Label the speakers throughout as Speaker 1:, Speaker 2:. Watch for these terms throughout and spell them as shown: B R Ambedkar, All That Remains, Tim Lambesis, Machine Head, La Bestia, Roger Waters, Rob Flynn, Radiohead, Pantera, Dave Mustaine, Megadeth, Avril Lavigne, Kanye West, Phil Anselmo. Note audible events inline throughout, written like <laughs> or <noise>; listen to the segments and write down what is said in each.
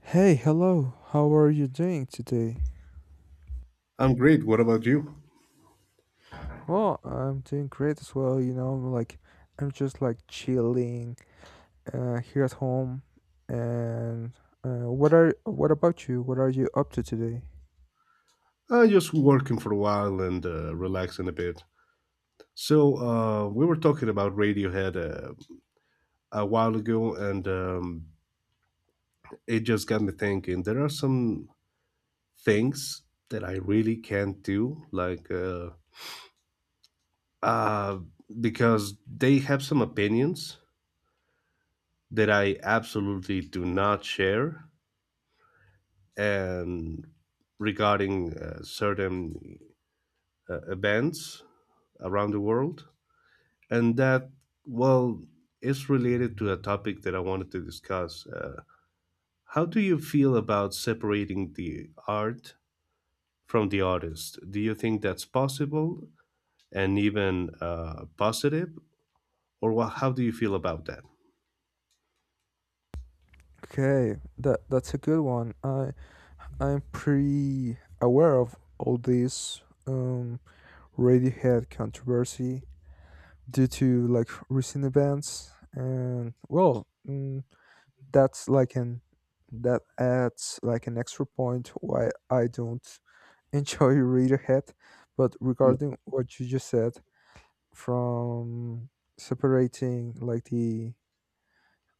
Speaker 1: Hey, hello. How are you doing today?
Speaker 2: I'm great. What about you?
Speaker 1: Well, I'm doing great as well. I'm like I'm just like chilling here at home. And what about you? What are you up to today?
Speaker 2: Just working for a while and relaxing a bit. So we were talking about Radiohead a while ago, and it just got me thinking. There are some things that I really can't do, uh, because they have some opinions that I absolutely do not share, and regarding certain events around the world. And that, well, is related to a topic that I wanted to discuss. How do you feel about separating the art from the artist? Do you think that's possible and even positive? Or wha how do you feel about that?
Speaker 1: Okay, that's a good one. I'm pretty aware of all this um Radiohead controversy due to like recent events and well, that's like an that adds like an extra point why I don't <laughs> enjoy read ahead. But
Speaker 2: Mm,
Speaker 1: regarding what you just said from separating like the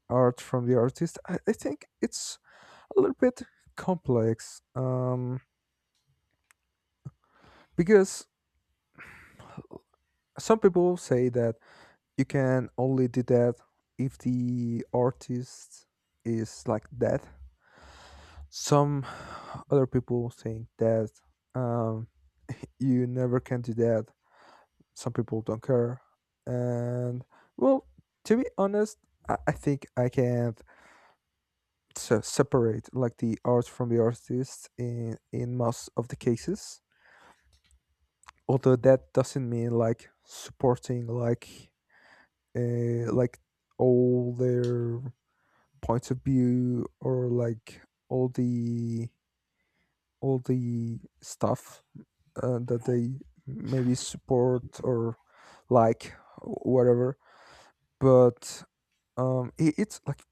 Speaker 1: art from the artist, I think it's a little bit complex. Because some people say that you can only do that if the artist is like that. Some other people think that um you never can do that. Some people don't care. And well, to be honest, I think I can't separate like the art from the artist in most of the cases. Although that doesn't mean like supporting like all their points of view or like all the all the stuff that they maybe support or like whatever but it's like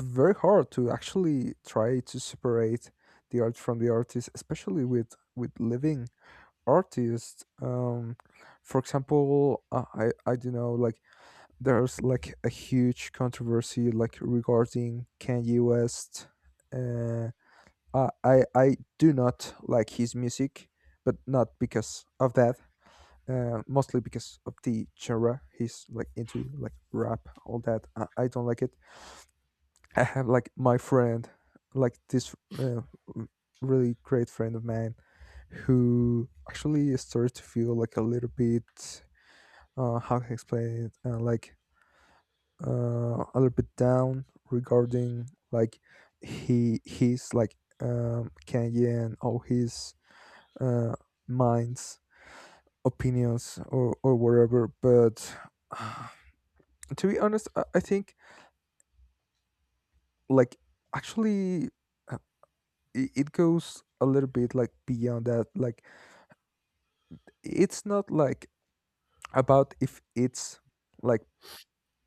Speaker 1: very hard to actually try to separate the art from the artist, especially with living artists. For example, I don't know, like there's like a huge controversy like regarding Kanye West. Uh, I do not like his music, but not because of that mostly because of the genre he's like into like rap all that I don't like it. I have like my friend, like this really great friend of mine, who actually started to feel like a little bit, how can I explain it, a little bit down regarding like he's like Kanye and all his uh, minds, opinions, or whatever. But <sighs> to be honest, I think like actually. It goes a little bit like beyond that like it's not like about if it's like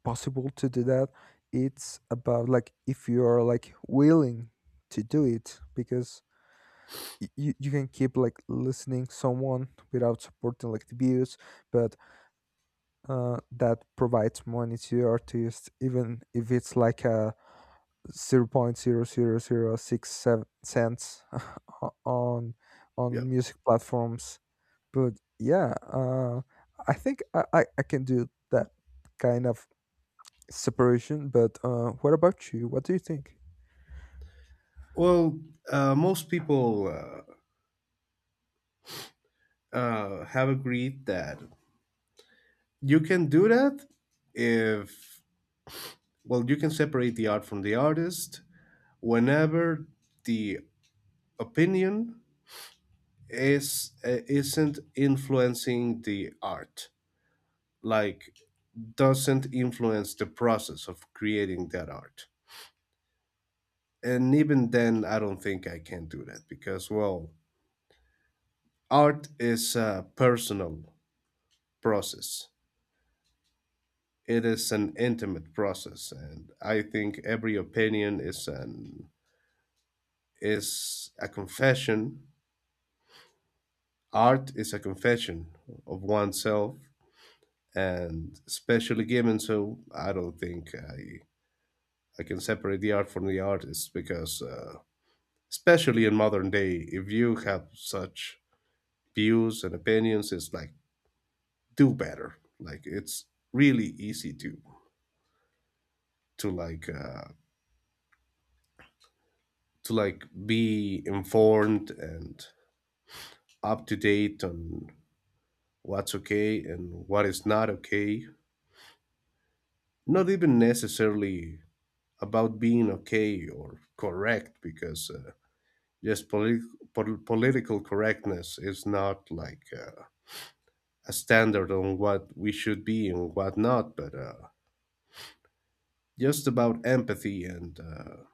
Speaker 1: possible to do that it's about like if you are like willing to do it because you can keep like listening someone without supporting like the views but that provides money to your artist even if it's like a 0.000 0.0006 7 cents <laughs> 00067 on
Speaker 2: Yeah.
Speaker 1: music platforms. But yeah, I think I can do that kind of separation. But what about you? What do you think?
Speaker 2: Well, most people have agreed that you can do that if, well, you can separate the art from the artist whenever the opinion is isn't influencing the art, like doesn't influence the process of creating that art. And even then, I don't think I can do that, because well, art is a personal process. It is an intimate process, and I think every opinion is a confession. Art is a confession of oneself. And especially given, so I don't think I can separate the art from the artist because, especially in modern day, if you have such views and opinions, it's like, do better. Like, it's really easy to to like uh, to like be informed and up to date on what's okay and what is not okay. Not even necessarily about being okay or correct, because just political correctness is not a standard on what we should be and what not, but just about empathy and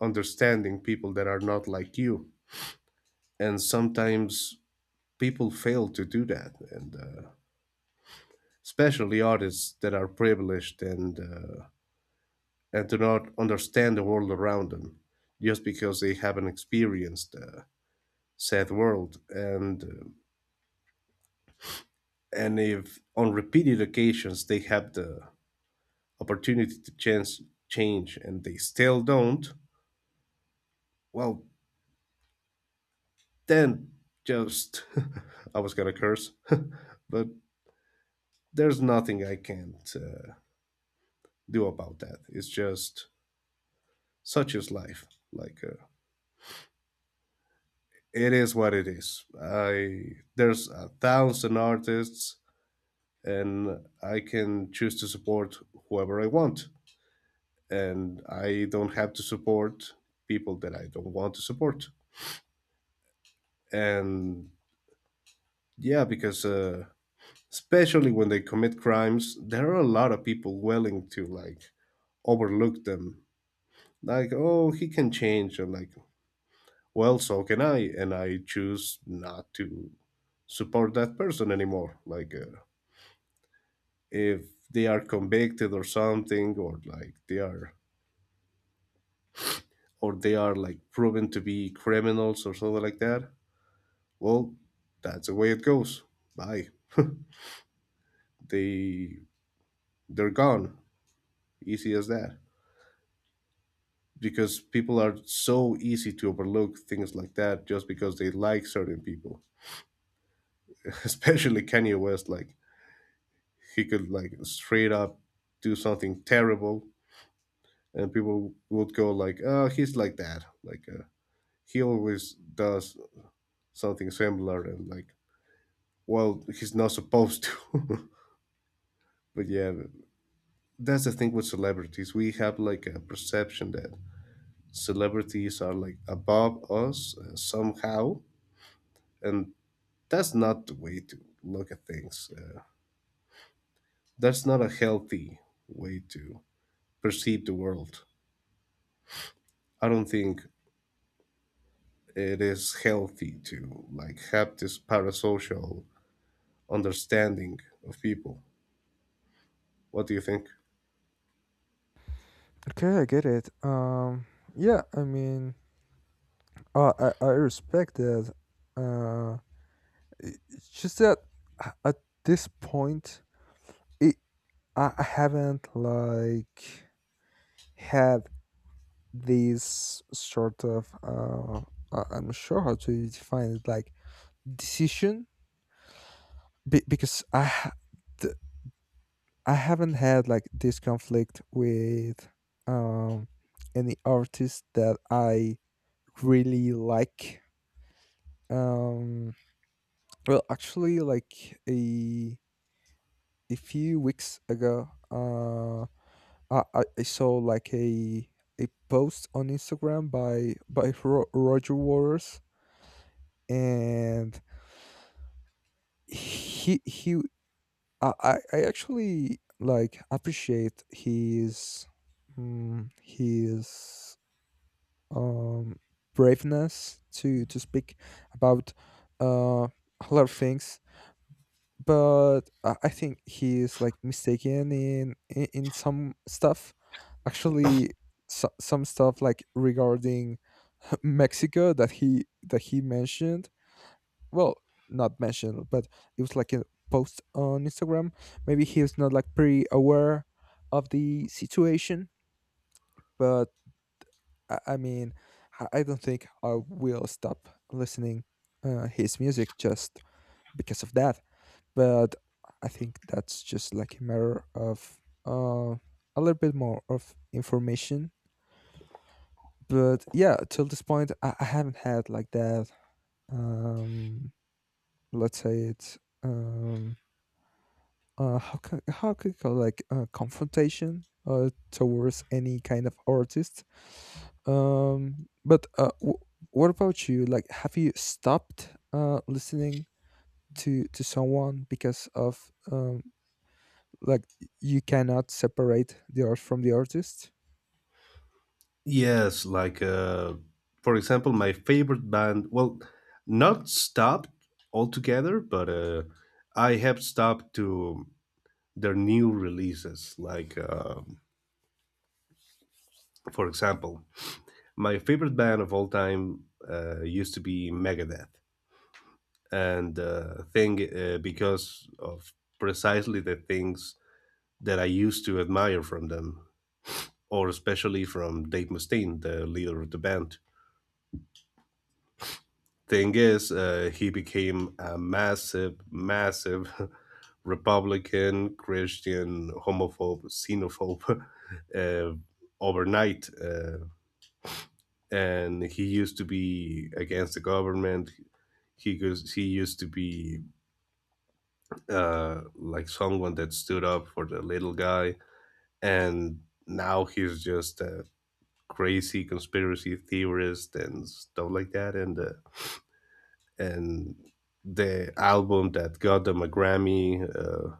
Speaker 2: understanding people that are not like you. And sometimes people fail to do that, and especially artists that are privileged and do not understand the world around them, just because they haven't experienced said world. And if on repeated occasions they have the opportunity to chance change and they still don't, well, then just <laughs> I was gonna curse, <laughs> but there's nothing I can't do about that. It's just, such is life. Like uh, it is what it is. I There's a thousand artists, and I can choose to support whoever I want, and I don't have to support people that I don't want to support. And yeah, because especially when they commit crimes, there are a lot of people willing to like overlook them, like, oh, he can change, and like, well, so can I, and I choose not to support that person anymore. If they are convicted or something, or they are like proven to be criminals or something like that, well, that's the way it goes. Bye. they they're gone. Easy as that. Because people are so easy to overlook things like that just because they like certain people. <laughs> Especially Kanye West, like, he could like straight up do something terrible, and people would go like, oh, he's like that. He always does something similar, and like, well, he's not supposed to. <laughs> But yeah, that's the thing with celebrities. We have like a perception that celebrities are like above us somehow, and that's not the way to look at things. That's not a healthy way to perceive the world. I don't think it is healthy to like have this parasocial understanding of people. What do you think?
Speaker 1: Okay, I get it. Yeah, I mean, I respect that. Uh, it's just that at this point, it I haven't like had this sort of I'm not sure how to define it, like decision, be- because I ha- th- I haven't had like this conflict with um any artist that I really like. Um well actually like a few weeks ago I saw like a post on Instagram by by Roger Waters and he I actually like appreciate his his um, braveness to speak about uh, a lot of things. But I think he is like mistaken in some stuff. Actually, so, some stuff like regarding <laughs> Mexico that he mentioned. Well, not mentioned, but it was like a post on Instagram. Maybe he was not like pretty aware of the situation, but I mean, I don't think I will stop listening his music just because of that. But I think that's just like a matter of uh, a little bit more of information. But yeah, till this point, I haven't had like that. Um, let's say it's um, how could you call like confrontation towards any kind of artist. Um, but uh, w- what about you? Like, have you stopped listening to someone because of like you cannot separate the art from the artist?
Speaker 2: Yes, for example, my favorite band. Well, not stopped altogether, but I have stopped to their new releases. For example, my favorite band of all time used to be Megadeth, and thing because of precisely the things that I used to admire from them, or especially from Dave Mustaine, the leader of the band. Thing is, he became a massive, massive <laughs> Republican, Christian, homophobe, xenophobe <laughs> uh, overnight. And he used to be against the government. He goes. He used to be like someone that stood up for the little guy, and now he's just a crazy conspiracy theorist and stuff like that. And the album that got them a Grammy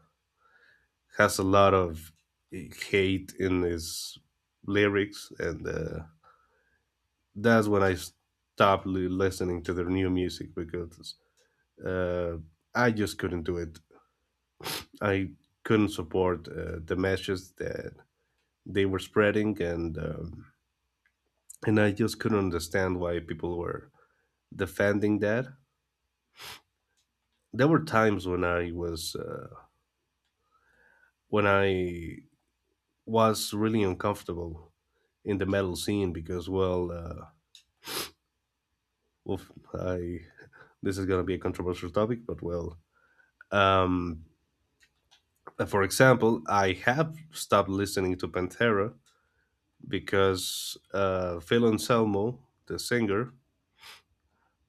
Speaker 2: has a lot of hate in his lyrics, and that's when I stopped listening to their new music because uh, I just couldn't do it. I couldn't support the messages that they were spreading, and I just couldn't understand why people were defending that. There were times when I was really uncomfortable in the metal scene because, well, oof, I this is gonna be a controversial topic, but well, um, for example, I have stopped listening to Pantera because Phil Anselmo, the singer,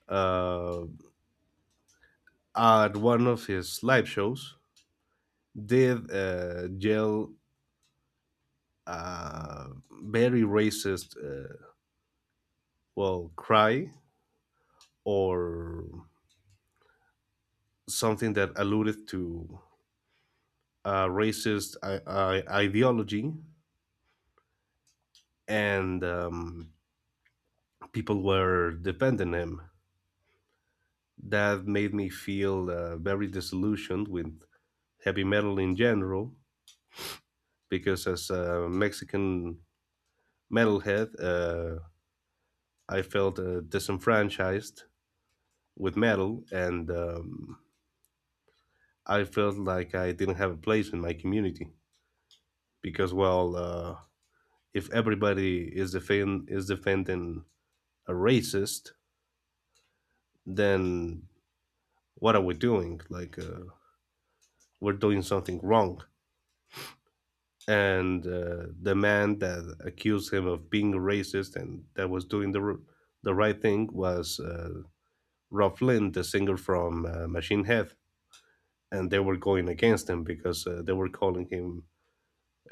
Speaker 2: uh, at one of his live shows, did yell a very racist, well, cry or something that alluded to a racist ideology, and people were defending him. That made me feel very disillusioned with heavy metal in general, because as a Mexican metalhead, I felt disenfranchised with metal, and I felt like I didn't have a place in my community because, well, if everybody is defending a racist, then what are we doing? We're doing something wrong. And the man that accused him of being a racist and that was doing the the right thing was Rob Flynn, the singer from Machine Head, and they were going against him because they were calling him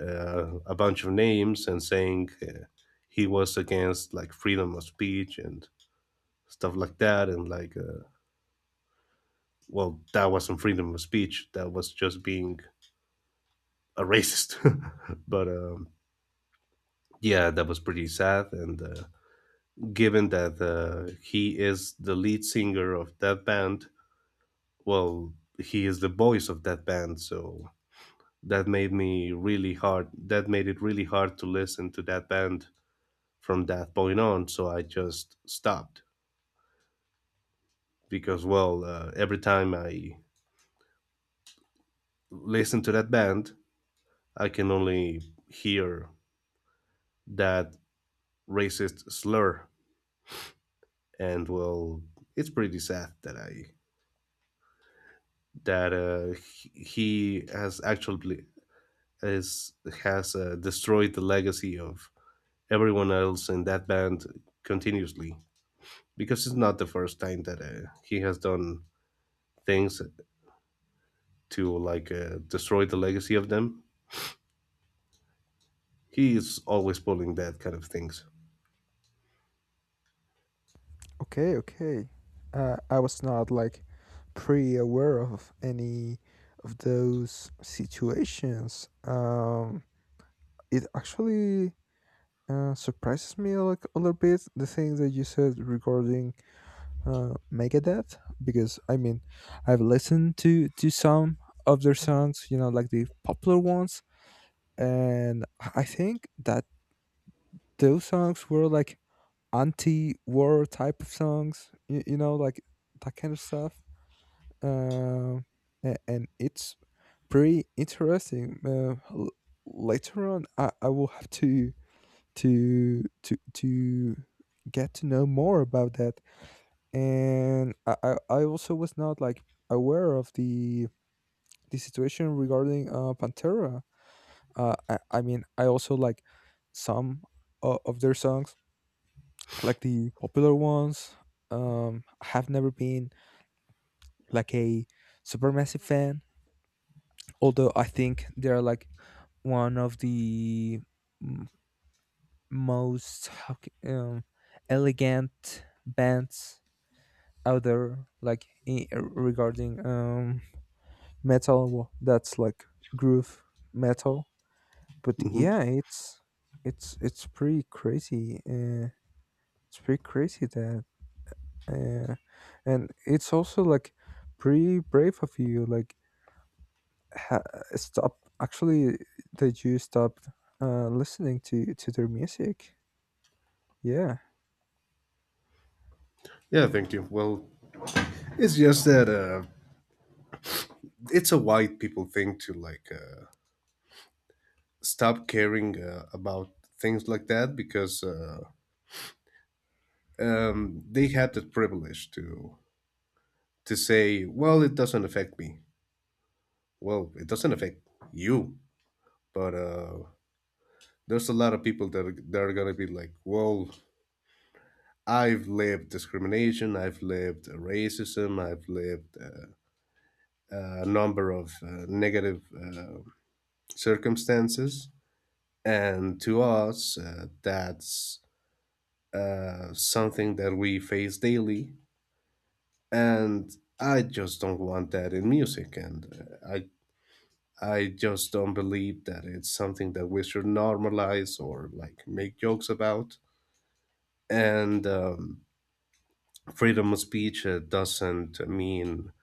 Speaker 2: a bunch of names and saying he was against like freedom of speech and stuff like that, and like well, that wasn't freedom of speech, that was just being a racist. <laughs> But yeah, that was pretty sad. And given that he is the lead singer of that band, well, he is the voice of that band, so that made it really hard to listen to that band from that point on, so I just stopped. Because well, every time I listen to that band, I can only hear that racist slur. And well, it's pretty sad that I that he has actually is has destroyed the legacy of everyone else in that band continuously, because it's not the first time that he has done things to destroy the legacy of them. He is always pulling that kind of things.
Speaker 1: Okay, okay. I was not like pre aware of any of those situations. It actually surprises me like a little bit the thing that you said regarding Megadeth because I mean I've listened to some of their songs, you know, like the popular ones, and I think that those songs were like anti-war type of songs, you know, like that kind of stuff uh, and it's pretty interesting. Later on, I will have to to to to get to know more about that. And I also was not like aware of the situation regarding Pantera. I mean, I also like some of their songs, like the popular ones. I have never been like a supermassive fan although I think they're like one of the m- most elegant bands out there, like regarding metal. Well, that's like groove metal, but
Speaker 2: Hmm.
Speaker 1: yeah, it's it's pretty crazy. It's pretty crazy that, uh, and it's also like pretty brave of you, like ha- stop actually the jews stopped listening to their music yeah.
Speaker 2: Yeah, thank you. Well, it's just that it's a white people thing to stop caring about things like that because they had the privilege to say, "Well, it doesn't affect me." Well, it doesn't affect you, but there's a lot of people that are gonna be like, "Well, I've lived discrimination, I've lived racism, I've lived a number of negative circumstances." And to us, that's something that we face daily. And I just don't want that in music. And I just don't believe that it's something that we should normalize or like make jokes about. And freedom of speech doesn't mean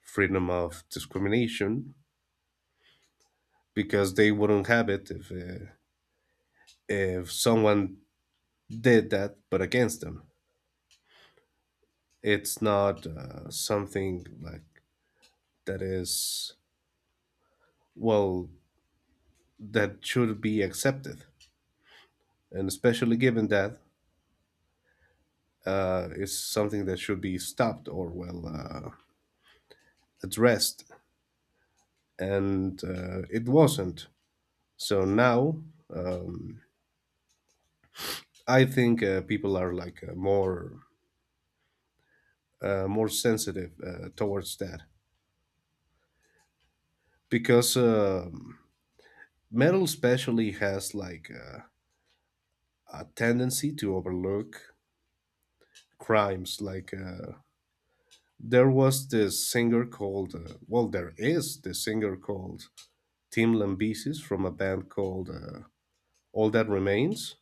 Speaker 2: freedom of discrimination, because they wouldn't have it if someone did that but against them. It's not something like that is, well, that should be accepted. And especially given that it's something that should be stopped or, well, addressed. And it wasn't. So now I think people are like more sensitive towards that, because metal especially has a tendency to overlook crimes like there was this singer called, there is this singer called Tim Lambesis from a band called All That Remains.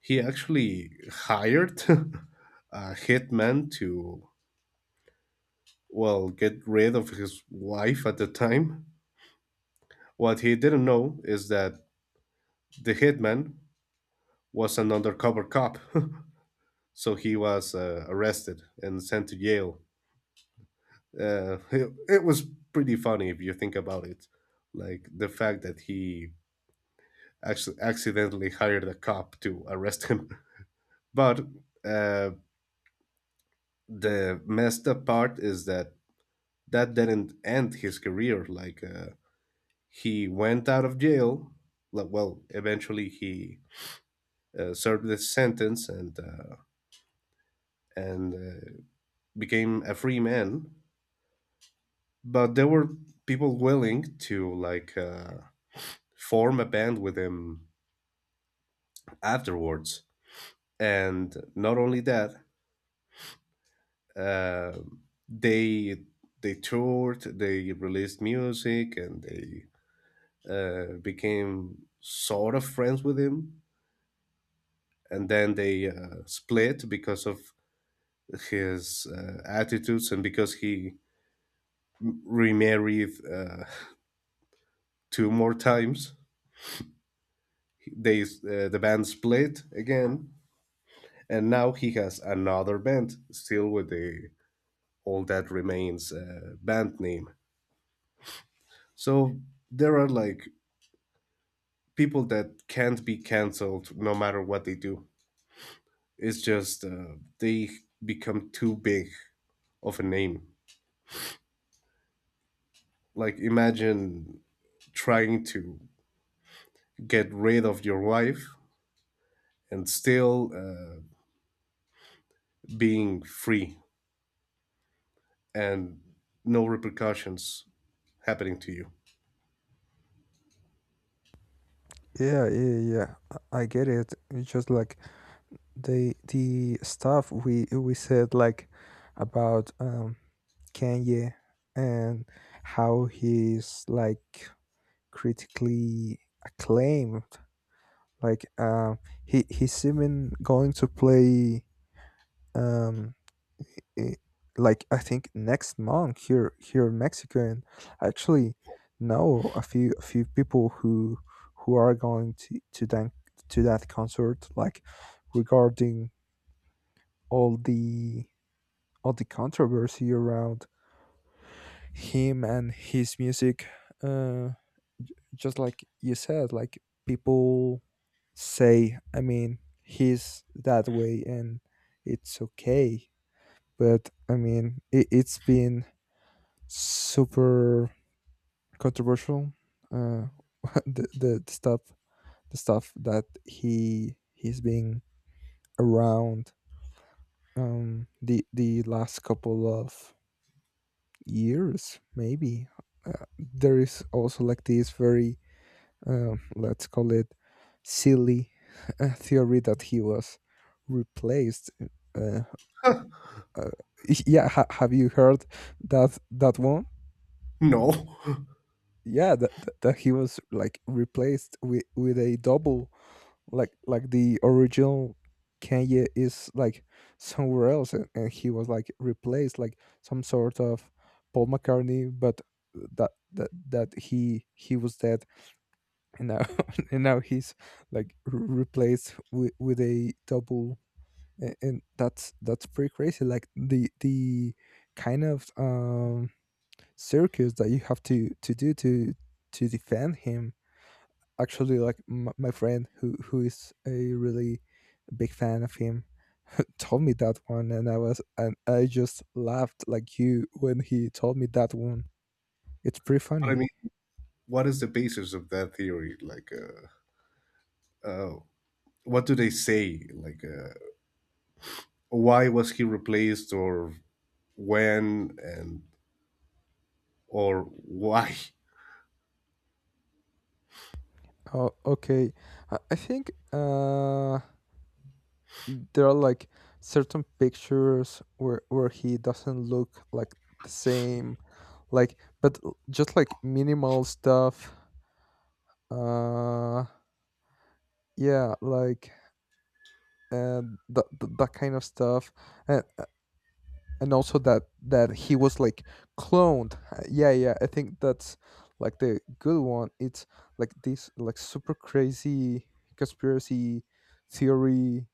Speaker 2: He actually hired <laughs> a hitman to, well, get rid of his wife at the time. What he didn't know is that the hitman was an undercover cop. <laughs> So he was arrested and sent to jail. It was pretty funny if you think about it. Like the fact that he actually accidentally hired a cop to arrest him. <laughs> But uh, the messed up part is that that didn't end his career. He went out of jail. Like, well, eventually he served his sentence and and uh, became a free man. But there were people willing to form a band with him afterwards. And not only that, Uh, they they toured, they released music, and they became sort of friends with him. And then they split because of his attitudes, and because he remarried <laughs> two more times. The band split again, and now he has another band, still with the All That Remains band name. So there are like people that can't be canceled no matter what they do. It's just they become too big of a name. Like, imagine trying to get rid of your wife and still being free, and no repercussions happening to you.
Speaker 1: yeah yeah yeah I get it, it's just like the stuff we said like about Kanye and how he's like critically acclaimed like he's even going to play um i- like I think next month here here in Mexico and I actually know a few people who are going to that concert like regarding all the all the controversy around him and his music uh just like you said like people say I mean he's that way and it's okay but I mean, it's been super controversial. Uh, <laughs> the, the the stuff the stuff that he's been around the last couple of years maybe. There is also like this very let's call it silly <laughs> theory that he was replaced uh, uh, <laughs> yeah have you heard that that one?
Speaker 2: No. <laughs> But
Speaker 1: Yeah that, that he was like replaced with a double like the original Kanye is like somewhere else and he was like replaced like some sort of Paul McCartney but that he was dead and now <laughs> and now he's like replaced with a double. And that's pretty crazy like the kind of circus that you have to do to defend him. Actually like my friend who is a really big fan of him <laughs> told me that one and I was and I just laughed like you when he told me that one. It's pretty
Speaker 2: I
Speaker 1: funny.
Speaker 2: mean, what is the basis of that theory? Uh, what do they say? Why was he replaced, or when, and or why?
Speaker 1: Oh okay, I think there are like certain pictures where he doesn't look like the same like but just like minimal stuff. uh yeah like and that that kind of stuff and and also that that he was like cloned. Yeah yeah, I think that's like the good one, it's like this like super crazy conspiracy theory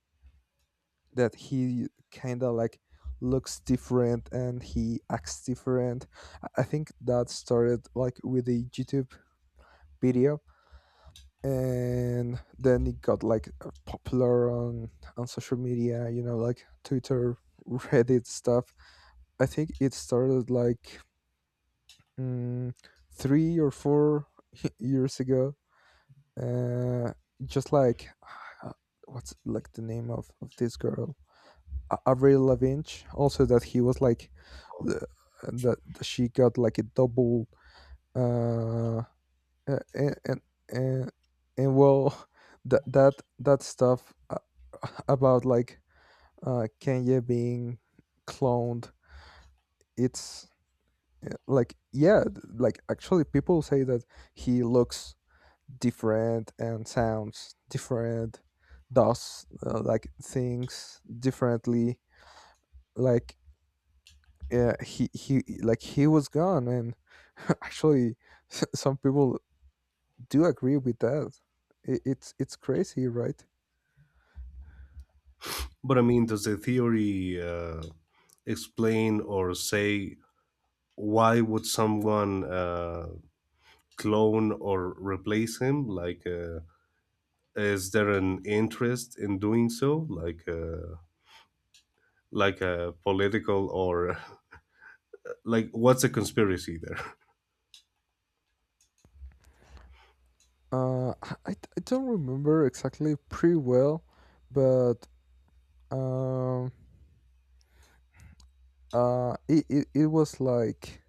Speaker 1: that he kind of like looks different and he acts different. I think that started like with a YouTube video and then it got like popular on social media, you know, like Twitter, <laughs> Reddit stuff. I think it started like mm, three or four <laughs> years ago. Uh, just like uh, what's like the name of this girl, Avril Lavigne. Also, that he was like the that that she got like a double uh and and, and well <laughs> that that that stuff <laughs> about like Kenya being cloned. It's like yeah, like actually people say that he looks different and sounds different, does like things differently. Like yeah, he like he was gone, and <laughs> actually, <laughs> some people do agree with that. I It's crazy, right?
Speaker 2: But I mean, does the theory explain or say why would someone clone or replace him? Is there an interest in doing so? Like a political or <laughs> like what's a conspiracy there? <laughs>
Speaker 1: I don't remember exactly pretty well, but um, it, it was like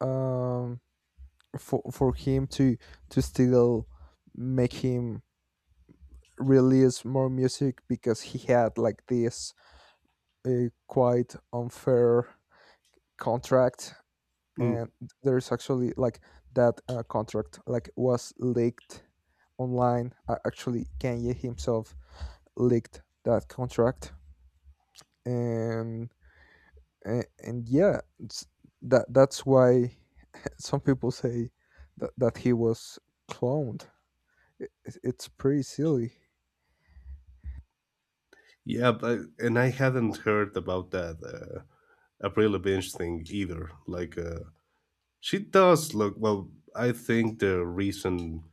Speaker 1: um, for him to still make him release more music because he had like this quite unfair contract and
Speaker 2: Mm.
Speaker 1: there's actually like that contract like was leaked online. Actually Kanye himself leaked that contract and and yeah that that's why <laughs> some people say that, that he was cloned. I- It's pretty silly.
Speaker 2: Yeah, but and I hadn't heard about that April Binge thing either. She does look well. I think the reason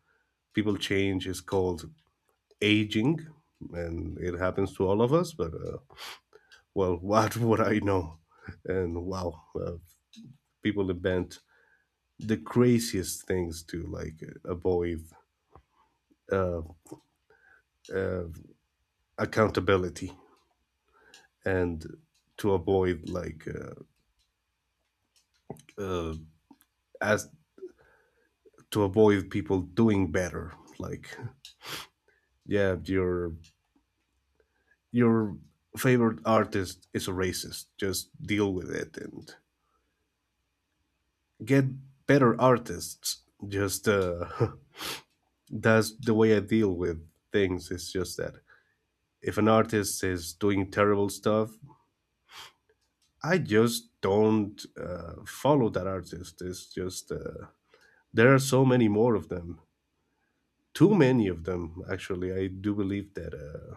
Speaker 2: people change is called aging, and it happens to all of us. But well, <laughs> what would I know? And wow, people invent the craziest things to like avoid uh, uh, accountability and to avoid like uh, as to avoid people doing better. Like, yeah, your favorite artist is a racist. Just deal with it and get better artists. Just <laughs> that's the way I deal with things. It's just that if an artist is doing terrible stuff, I just don't follow that artist. It's just there are so many more of them, too many of them. Actually, I do believe that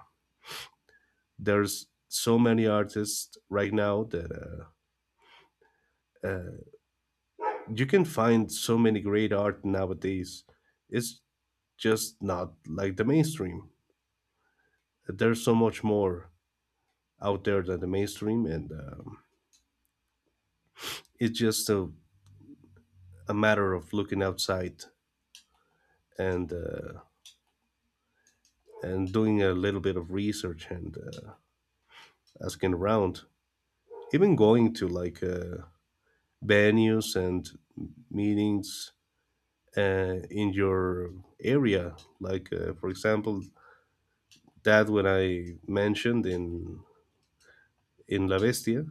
Speaker 2: there's so many artists right now that uh, uh, you can find so many great art nowadays. It's just not like the mainstream, that there's so much more out there than the mainstream, and it's just a matter of looking outside and uh, and doing a little bit of research and asking around, even going to venues and meetings in your area. For example, that when I mentioned in La Bestia,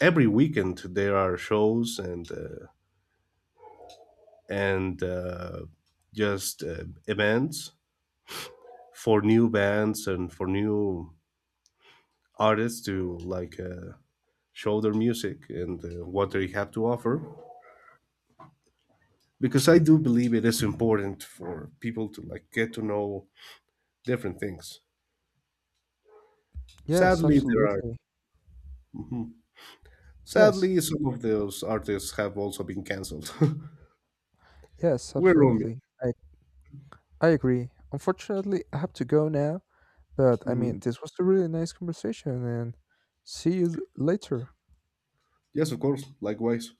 Speaker 2: every weekend there are shows and. And just events for new bands and for new artists to show their music and what they have to offer, because I do believe it is important for people to like get to know different things.
Speaker 1: Yes,
Speaker 2: Sadly there are,
Speaker 1: absolutely.
Speaker 2: hmm,
Speaker 1: Yes,
Speaker 2: sadly some of those artists have also been canceled. <laughs>
Speaker 1: yes,
Speaker 2: We're only—
Speaker 1: absolutely. I agree. Unfortunately, I have to go now, but I
Speaker 2: Mhm.
Speaker 1: mean, this was a really nice conversation and see you later.
Speaker 2: Yes, of course, likewise.